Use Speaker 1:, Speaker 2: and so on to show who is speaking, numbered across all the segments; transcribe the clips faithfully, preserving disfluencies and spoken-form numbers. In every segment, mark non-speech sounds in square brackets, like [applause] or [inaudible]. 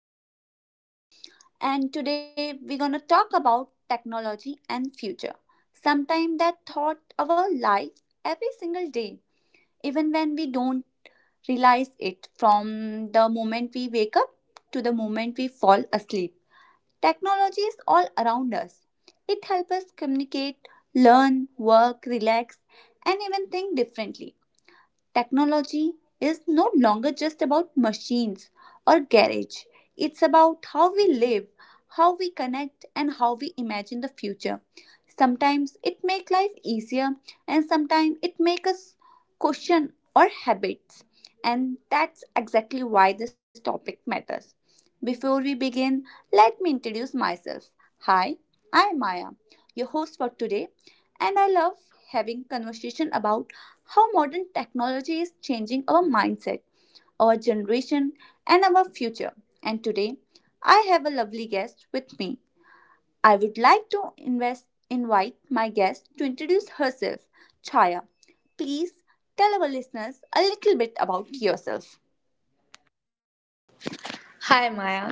Speaker 1: our podcast. And today we're going to talk about technology and future. Sometime that thought our life every single day, even when we don't realize it from the moment we wake up to the moment we fall asleep. Technology is all around us. It helps us communicate, learn, work, relax, and even think differently. Technology is no longer just about machines or garage. It's about how we live, how we connect, and how we imagine the future. Sometimes it makes life easier, and sometimes it makes us question our habits. And that's exactly why this topic matters. Before we begin, let me introduce myself. Hi, I'm Maya, your host for today, and I love having conversation about how modern technology is changing our mindset, our generation, and our future. And today, I have a lovely guest with me. I would like to invest, invite my guest to introduce herself. Chaya, please tell our listeners a little bit about yourself.
Speaker 2: Hi Maya.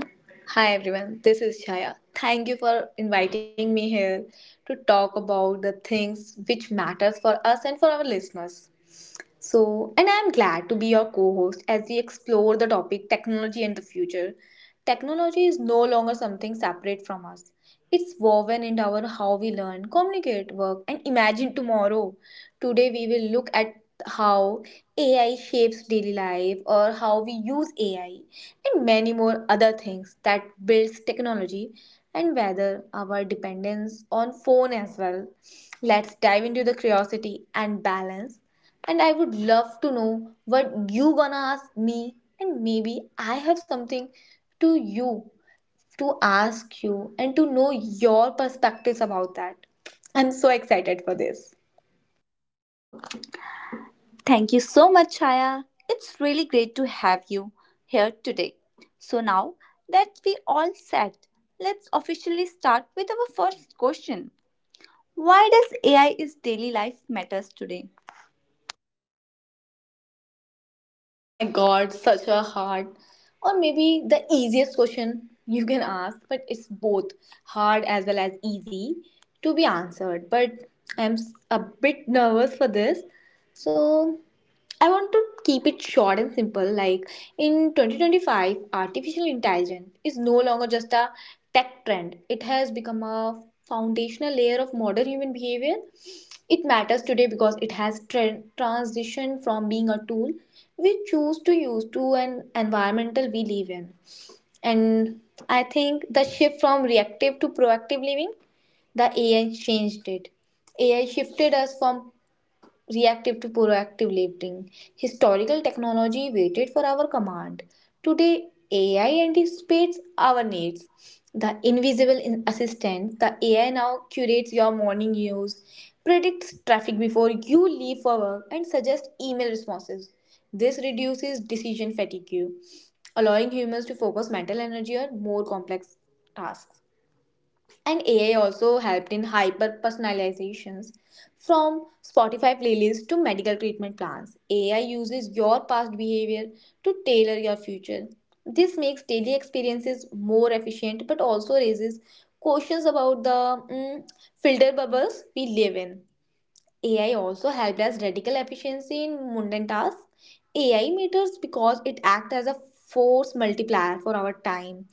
Speaker 2: Hi everyone. This is Chaya. Thank you for inviting me here to talk about the things which matters for us and for our listeners. So, and I'm glad to be your co host as we explore the topic technology and the future. Technology is no longer something separate from us. It's woven into our how we learn, communicate, work, and imagine tomorrow. Today, we will look at how A I shapes daily life or how we use A I and many more other things that builds technology and whether our dependence on phone as well. Let's dive into the curiosity and balance and I would love to know what you gonna ask me and maybe I have something to you to ask you and to know your perspectives about that. I'm so excited for this.
Speaker 1: Thank you so much, Chaya. It's really great to have you here today. So, now that we all set, let's officially start with our first question. Why does A I is daily life matters today?
Speaker 2: [laughs] Oh my god, such a hard or maybe the easiest question you can ask, but it's both hard as well as easy to be answered. But I'm s- a bit nervous for this. So I want to keep it short and simple. Like in twenty twenty-five, artificial intelligence is no longer just a tech trend, it has become a foundational layer of modern human behavior. It matters today because it has tra- transitioned from being a tool we choose to use to an environmental we live in. And I think the shift from reactive to proactive living, the A I changed it. A I shifted us from reactive to proactive living. Historical technology waited for our command. Today, A I anticipates our needs. The invisible in- assistant, the A I now curates your morning news, predicts traffic before you leave for work, and suggests email responses. This reduces decision fatigue, allowing humans to focus mental energy on more complex tasks. And A I also helped in hyper personalizations. From Spotify playlists to medical treatment plans, A I uses your past behavior to tailor your future. This makes daily experiences more efficient but also raises questions about the mm, filter bubbles we live in. A I also helped us radical efficiency in mundane tasks. A I matters because it acts as a force multiplier for our time.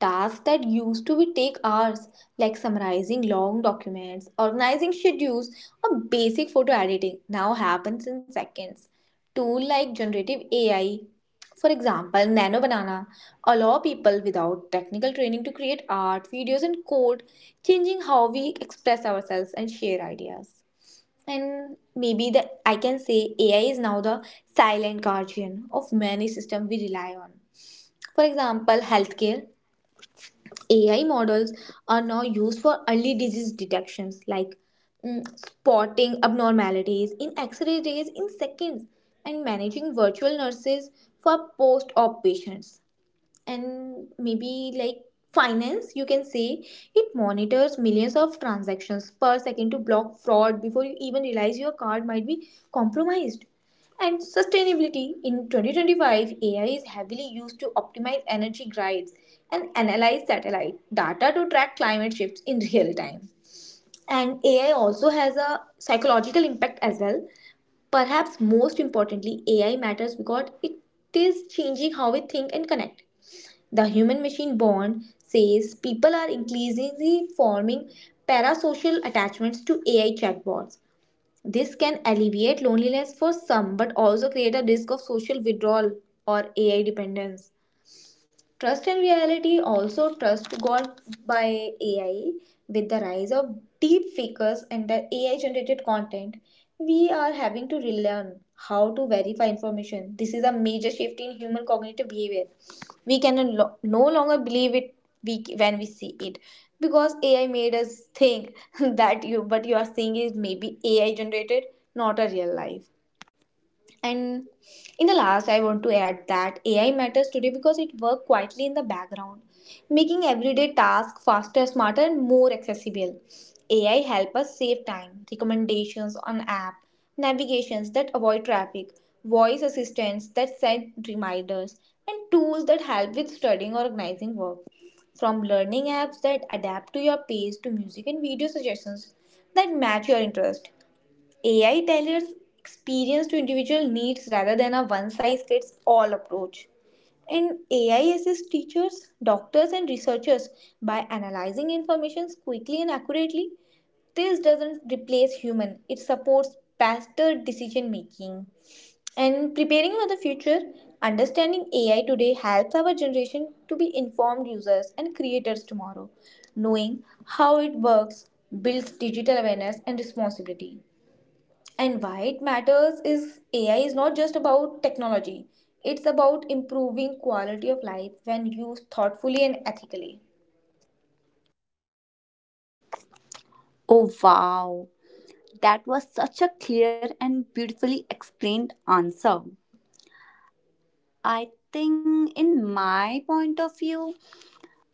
Speaker 2: Tasks that used to be take hours, like summarizing long documents, organizing schedules, or basic photo editing, now happens in seconds. Tool like generative A I, for example, Nano Banana, allow people without technical training to create art, videos, and code, changing how we express ourselves and share ideas. And maybe the I can say A I is now the silent guardian of many systems we rely on. For example, healthcare. A I models are now used for early disease detections like mm, spotting abnormalities in X-ray rays in seconds and managing virtual nurses for post-op patients. And maybe like finance you can say it monitors millions of transactions per second to block fraud before you even realize your card might be compromised. And sustainability, in twenty twenty-five AI is heavily used to optimize energy grids and analyze satellite data to track climate shifts in real time. And AI also has a psychological impact as well. Perhaps most importantly, AI matters because it is changing how we think and connect. The Human Machine Bond says people are increasingly forming parasocial attachments to A I chatbots. This can alleviate loneliness for some but also create a risk of social withdrawal or A I dependence. Trust in reality also trust got by A I with the rise of deep fakers and the A I generated content. We are having to relearn how to verify information. This is a major shift in human cognitive behavior. We can no no longer believe it we, when we see it because A I made us think [laughs] that you what you are seeing is maybe A I generated, not a real life. And in the last, I want to add that A I matters today because it works quietly in the background, making everyday tasks faster, smarter, and more accessible. A I help us save time, recommendations on app, navigations that avoid traffic, voice assistants that send reminders, and tools that help with studying or organizing work. From learning apps that adapt to your pace to music and video suggestions that match your interest, A I tailors experience to individual needs rather than a one size fits all approach. And A I assists teachers, doctors, and researchers by analyzing information quickly and accurately. This doesn't replace human, it supports faster decision making. And preparing for the future, understanding A I today helps our generation to be informed users and creators tomorrow. Knowing how it works builds digital awareness and responsibility. And why it matters is A I is not just about technology. It's about improving quality of life when used thoughtfully and ethically.
Speaker 1: Oh, wow. That was such a clear and beautifully explained answer. I think, in my point of view,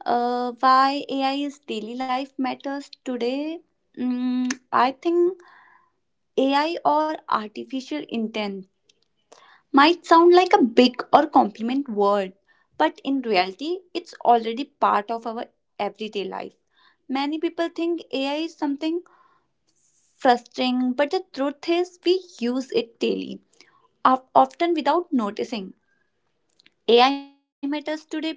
Speaker 1: uh, why A I is daily life matters today. Mm, I think A I or artificial intelligence might sound like a big or compliment word, but in reality, it's already part of our everyday life. Many people think A I is something frustrating, but the truth is, we use it daily, of- often without noticing. A I matters today because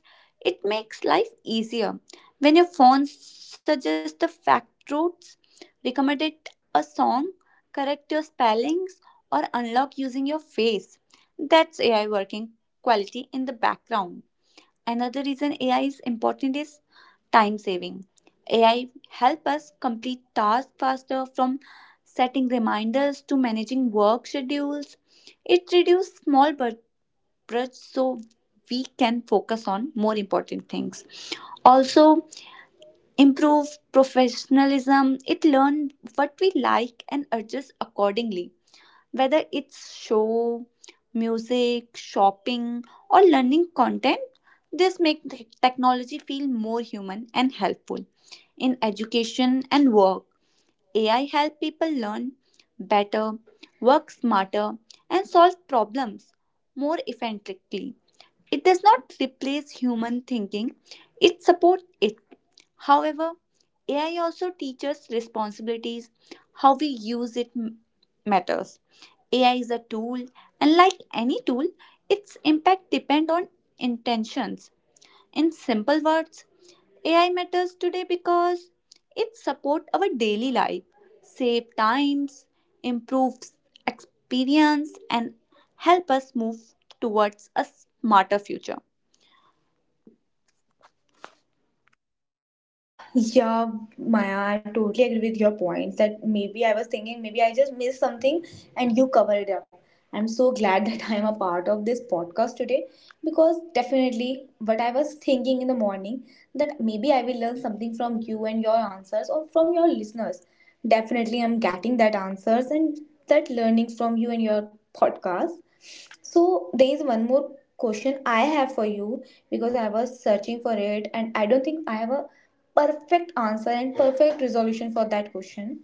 Speaker 1: it makes life easier. When your phone suggests the fact routes, recommended a song, correct your spellings, or unlock using your face, that's A I working quality in the background. Another reason A I is important is time saving. A I help us complete tasks faster from setting reminders to managing work schedules. It reduces small brush so we can focus on more important things also improve professionalism. It learn what we like and adjust accordingly, whether it's show, music, shopping, or learning content. This makes technology feel more human and helpful. In education and work, AI help people learn better, work smarter, and solve problems more effectively. It does not replace human thinking, it supports it. However, A I also teaches responsibilities, how we use it m- matters. A I is a tool, and like any tool, its impact depends on intentions. In simple words, A I matters today because it supports our daily life, save times, improves experience, and help us move towards a smarter future.
Speaker 2: Yeah, Maya, I totally agree with your points. That maybe I was thinking maybe I just missed something and you cover it up. I'm so glad [laughs] that I am a part of this podcast today because definitely what I was thinking in the morning that maybe I will learn something from you and your answers or from your listeners. Definitely I'm getting that answers and that learning from you and your podcast. So there is one more question I have for you because I was searching for it and I don't think I have a perfect answer and perfect resolution for that question.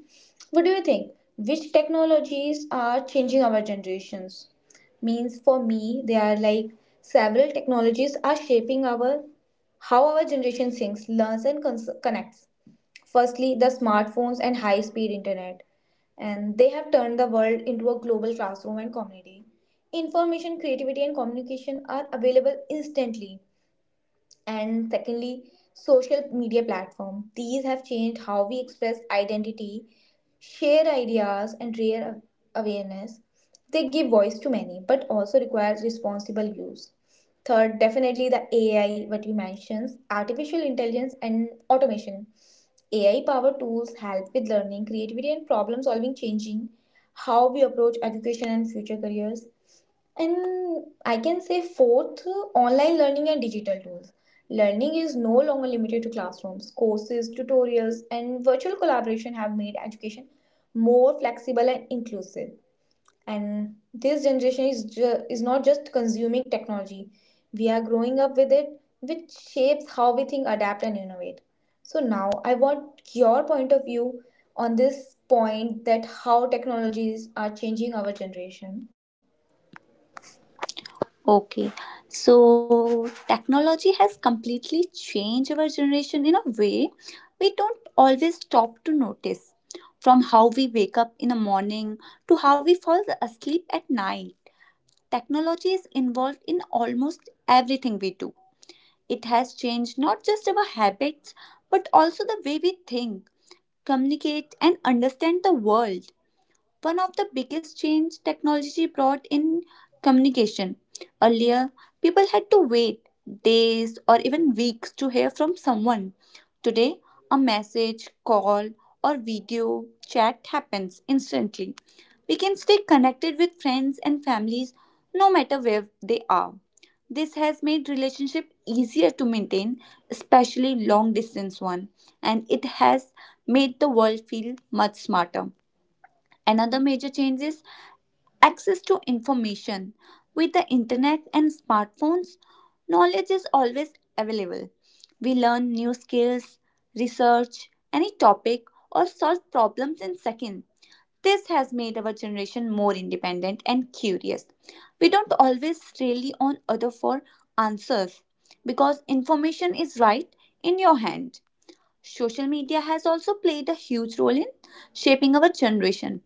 Speaker 2: What do you think? Which technologies are changing our generations? Means for me, they are like several technologies are shaping our how our generation thinks, learns, and cons- connects. Firstly, the smartphones and high speed internet, and they have turned the world into a global classroom and community. Information, creativity, and communication are available instantly. And secondly, social media platform, these have changed how we express identity, share ideas, and rear a- awareness. They give voice to many but also requires responsible use. Third, definitely the AI what you mentioned, artificial intelligence and automation. AI powered tools help with learning, creativity, and problem solving, changing how we approach education and future careers. And I can say fourth, online learning and digital tools. Learning is no longer limited to classrooms. Courses, tutorials, and virtual collaboration have made education more flexible and inclusive. And this generation is ju- is not just consuming technology. We are growing up with it, which shapes how we think, adapt, and innovate. So now I want your point of view on this point that how technologies are changing our generation.
Speaker 1: Okay, so technology has completely changed our generation in a way we don't always stop to notice. From how we wake up in the morning to how we fall asleep at night, technology is involved in almost everything we do. It has changed not just our habits but also the way we think, communicate, and understand the world. One of the biggest change technology brought in communication. Earlier, people had to wait days or even weeks to hear from someone. Today, a message, call, or video chat happens instantly. We can stay connected with friends and families no matter where they are. This has made relationship easier to maintain, especially long distance one, and it has made the world feel much smarter. Another major change is access to information. With the internet and smartphones, knowledge is always available. We learn new skills, research any topic, or solve problems in seconds. This has made our generation more independent and curious. We don't always rely on other for answers because information is right in your hand. Social media has also played a huge role in shaping our generation.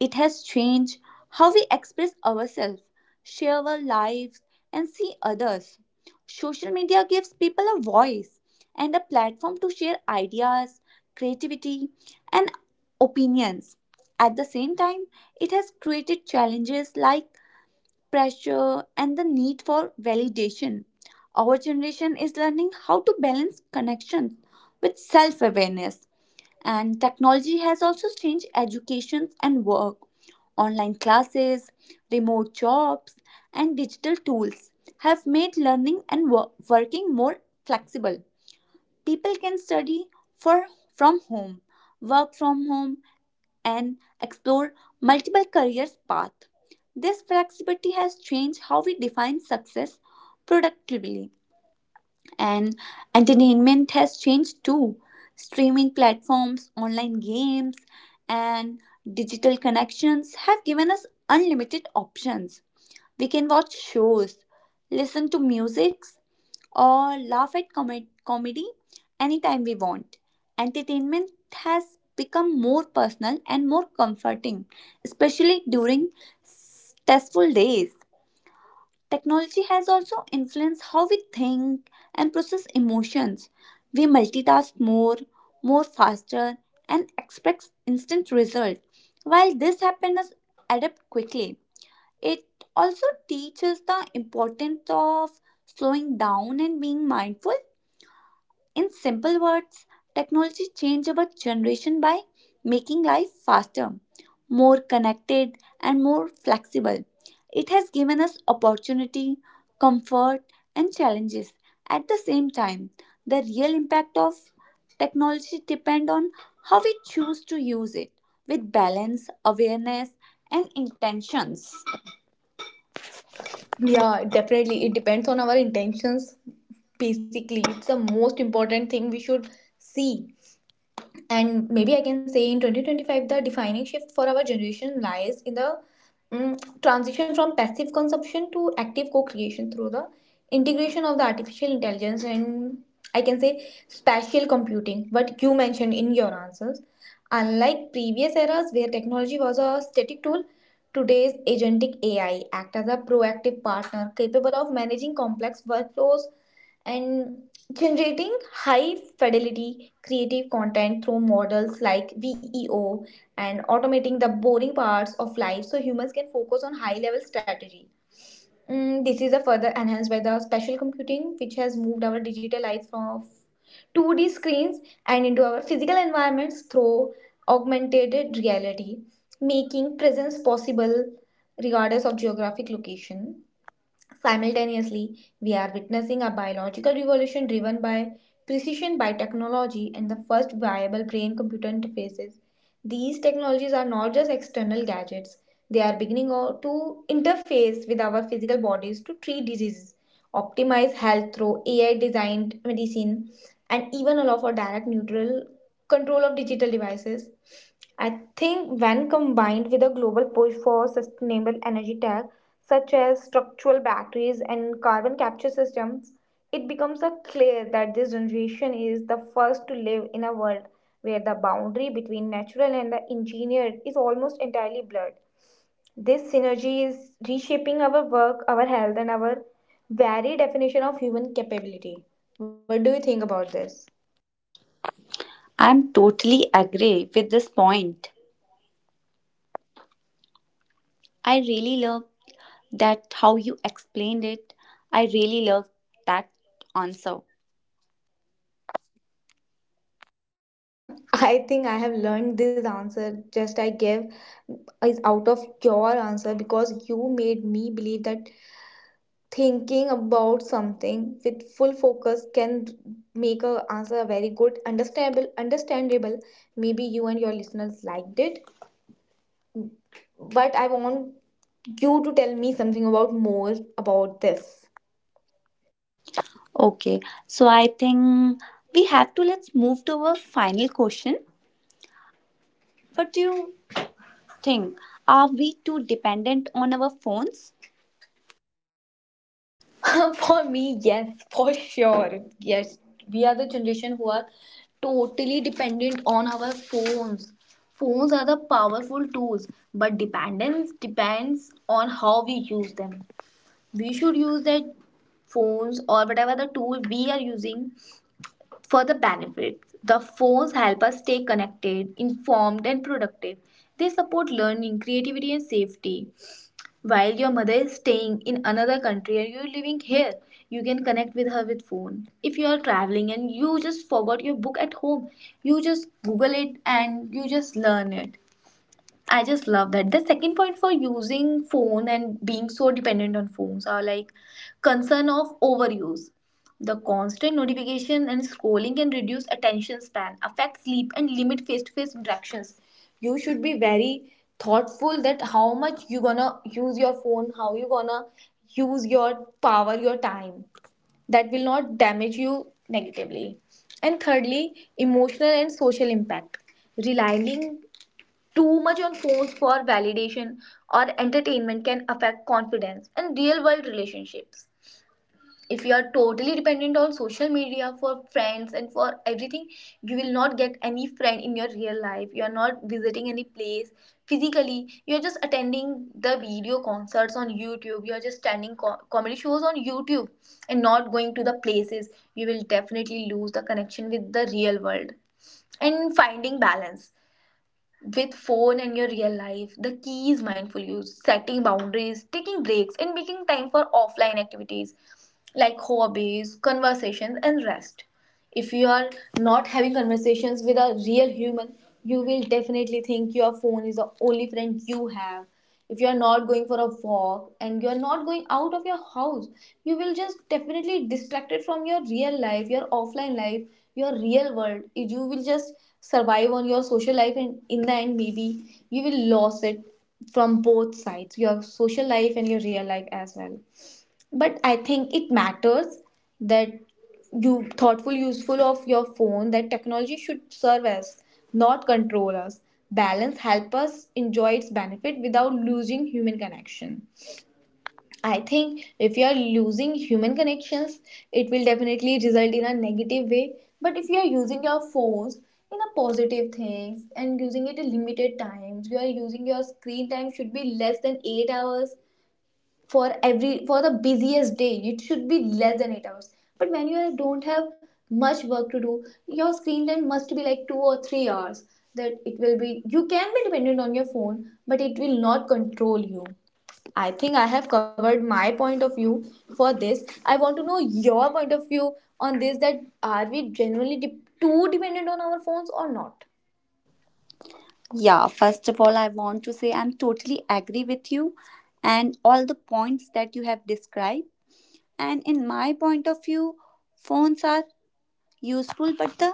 Speaker 1: It has changed how we express ourselves, share our lives, and see others. Social media gives people a voice and a platform to share ideas, creativity, and opinions. At the same time, it has created challenges like pressure and the need for validation. Our generation is learning how to balance connections with self awareness, and technology has also changed education and work. Online classes, remote jobs, and digital tools have made learning and wo- working more flexible. People can study for from home, work from home, and explore multiple careers paths. This flexibility has changed how we define success productively, and entertainment has changed too. Streaming platforms, online games, and digital connections have given us unlimited options. We can watch shows, listen to music, or laugh at com- comedy anytime we want. Entertainment has become more personal and more comforting, especially during stressful days. Technology has also influenced how we think and process emotions. We multitask more, more faster, and expect instant result. While this happens, adapt quickly. It also teaches the importance of slowing down and being mindful. In simple words, technology changed our generation by making life faster, more connected, and more flexible. It has given us opportunity, comfort, and challenges. At the same time, the real impact of technology depends on how we choose to use it with balance, awareness, and intentions.
Speaker 2: Yeah, definitely. It depends on our intentions. Basically, it's the most important thing we should see. And maybe I can say in twenty twenty-five the defining shift for our generation lies in the mm, transition from passive consumption to active co-creation through the integration of the artificial intelligence and I can say spatial computing what you mentioned in your answers. Unlike previous eras where technology was a static tool, today's agentic AI act as a proactive partner capable of managing complex workflows and generating high fidelity creative content through models like veo and automating the boring parts of life so humans can focus on high level strategy. Mm, this is a further enhanced by the special computing, which has moved our digital life from two D screens and into our physical environments through augmented reality, making presence possible regardless of geographic location. Simultaneously, we are witnessing a biological revolution driven by precision by technology and the first viable brain computer interfaces. These technologies are not just external gadgets, they are beginning o- to interface with our physical bodies to treat diseases, optimize health through A I designed medicine, and even allow for direct neutral control of digital devices. I think when combined with a global push for sustainable energy tech, such as structural batteries and carbon capture systems, it becomes a clear that this generation is the first to live in a world where the boundary between natural and the engineered is almost entirely blurred. This synergy is reshaping our work, our health, and our very definition of human capability. What do you think about this?
Speaker 1: I'm totally agree with this point. I really love that how you explained it. I really love that answer.
Speaker 2: I think I have learned this answer just I gave is out of your answer because you made me believe that thinking about something with full focus can make a answer very good understandable understandable. Maybe you and your listeners liked it, but I want you to tell me something about more about this.
Speaker 1: Okay, so I think we have to let's move to our final question. What do you think, are we too dependent on our phones?
Speaker 2: [laughs] For me, yes, for sure, yes, we are the generation who are totally dependent on our phones. Phones are the powerful tools but dependence depends on how we use them. We should use that phones or whatever the tool we are using for the benefit. The phones help us stay connected, informed, and productive. They support learning, creativity, and safety. While your mother is staying in another country and you're living here, you can connect with her with phone. If you are traveling and you just forgot your book at home, you just Google it and you just learn it. I just love that. The second point for using phone and being so dependent on phones are like concern of overuse. The constant notification and scrolling can reduce attention span, affect sleep, and limit face-to-face interactions. You should be very thoughtful that how much you gonna use your phone, how you gonna use your power, your time that will not damage you negatively. And thirdly, emotional and social impact. Relying too much on phones for validation or entertainment can affect confidence and real world relationships. If you are totally dependent on social media for friends and for everything, you will not get any friend in your real life. You are not visiting any place physically. You are just attending the video concerts on YouTube. You are just attending co- comedy shows on YouTube and not going to the places. You will definitely lose the connection with the real world. And finding balance with phone and your real life, the key is mindful use, setting boundaries, taking breaks, and making time for offline activities like hobbies, conversations, and rest. If you are not having conversations with a real human, you will definitely think your phone is the only friend you have. If you are not going for a walk and you are not going out of your house, you will just definitely distracted from your real life, your offline life, your real world. You will just survive on your social life and in the end maybe you will lose it from both sides, your social life and your real life as well. But I think it matters that you thoughtful useful of your phone that technology should serve us, not control us. Balance help us enjoy its benefit without losing human connection. I think if you are losing human connections, it will definitely result in a negative way. But if you are using your phones in a positive things and using it in limited times, you are using your screen time should be less than eight hours. For every, for the busiest day it should be less than eight hours. But when you don't have much work to do, your screen time must be like two or three hours. That it will be you can be dependent on your phone but it will not control you. I think I have covered my point of view for this. I want to know your point of view on this, that are we genuinely de- too dependent on our phones or not.
Speaker 1: Yeah, first of all I want to say I'm totally agree with you and all the points that you have described. And in my point of view, phones are useful, but the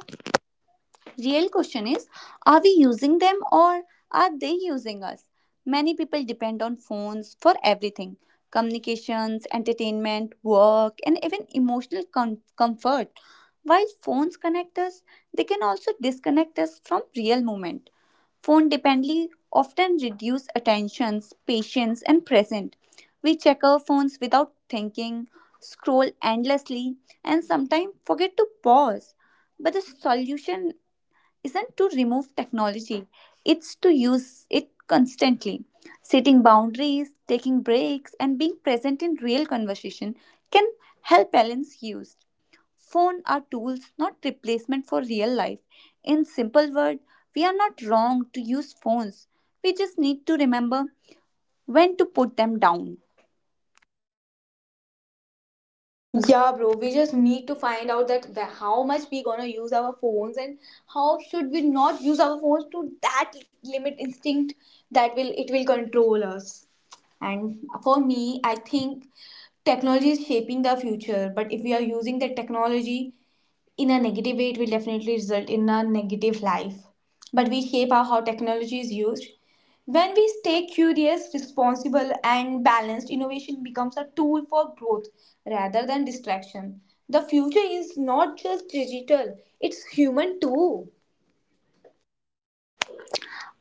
Speaker 1: real question is, are we using them or are they using us? Many people depend on phones for everything, communications, entertainment, work, and even emotional com- comfort. While phones connect us, they can also disconnect us from real moment. Phone dependency often reduce attentions, patience, and present. We check our phones without thinking, scroll endlessly, and sometimes forget to pause. But the solution isn't to remove technology, it's to use it constantly. Setting boundaries, taking breaks, and being present in real conversation can help balance use. Phone are tools, not replacement for real life. In simple word, we are not wrong to use phones. We just need to remember when to put them down.
Speaker 2: Yeah, bro, we just need to find out that the, how much we gonna use our phones and how should we not use our phones to that limit instinct that will it will control us. And for me, I think technology is shaping the future, but if we are using the technology in a negative way, it will definitely result in a negative life. But we shape our, how technology is used. When we stay curious, responsible, and balanced, innovation becomes a tool for growth rather than distraction. The future is not just digital, it's human too.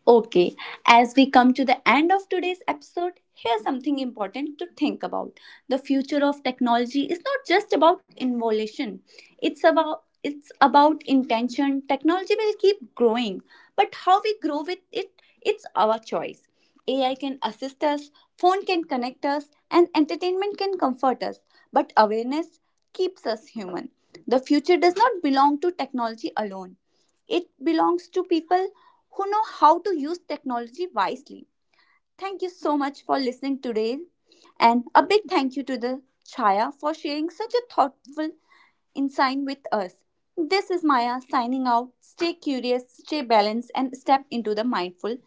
Speaker 1: Okay, as we come to the end of today's episode, here's something important to think about. The future of technology is not just about innovation. It's about it's about intention. Technology will keep growing, but how we grow with it, it's our choice. A I can assist us, phone can connect us, and entertainment can comfort us, but awareness keeps us human. The future does not belong to technology alone. It belongs to people who know how to use technology wisely. Thank you so much for listening today. And a big thank you to the Chaya for sharing such a thoughtful insight with us. This is Maya signing out. Stay curious, stay balanced, and step into the mindful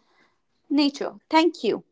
Speaker 1: nature. Thank you.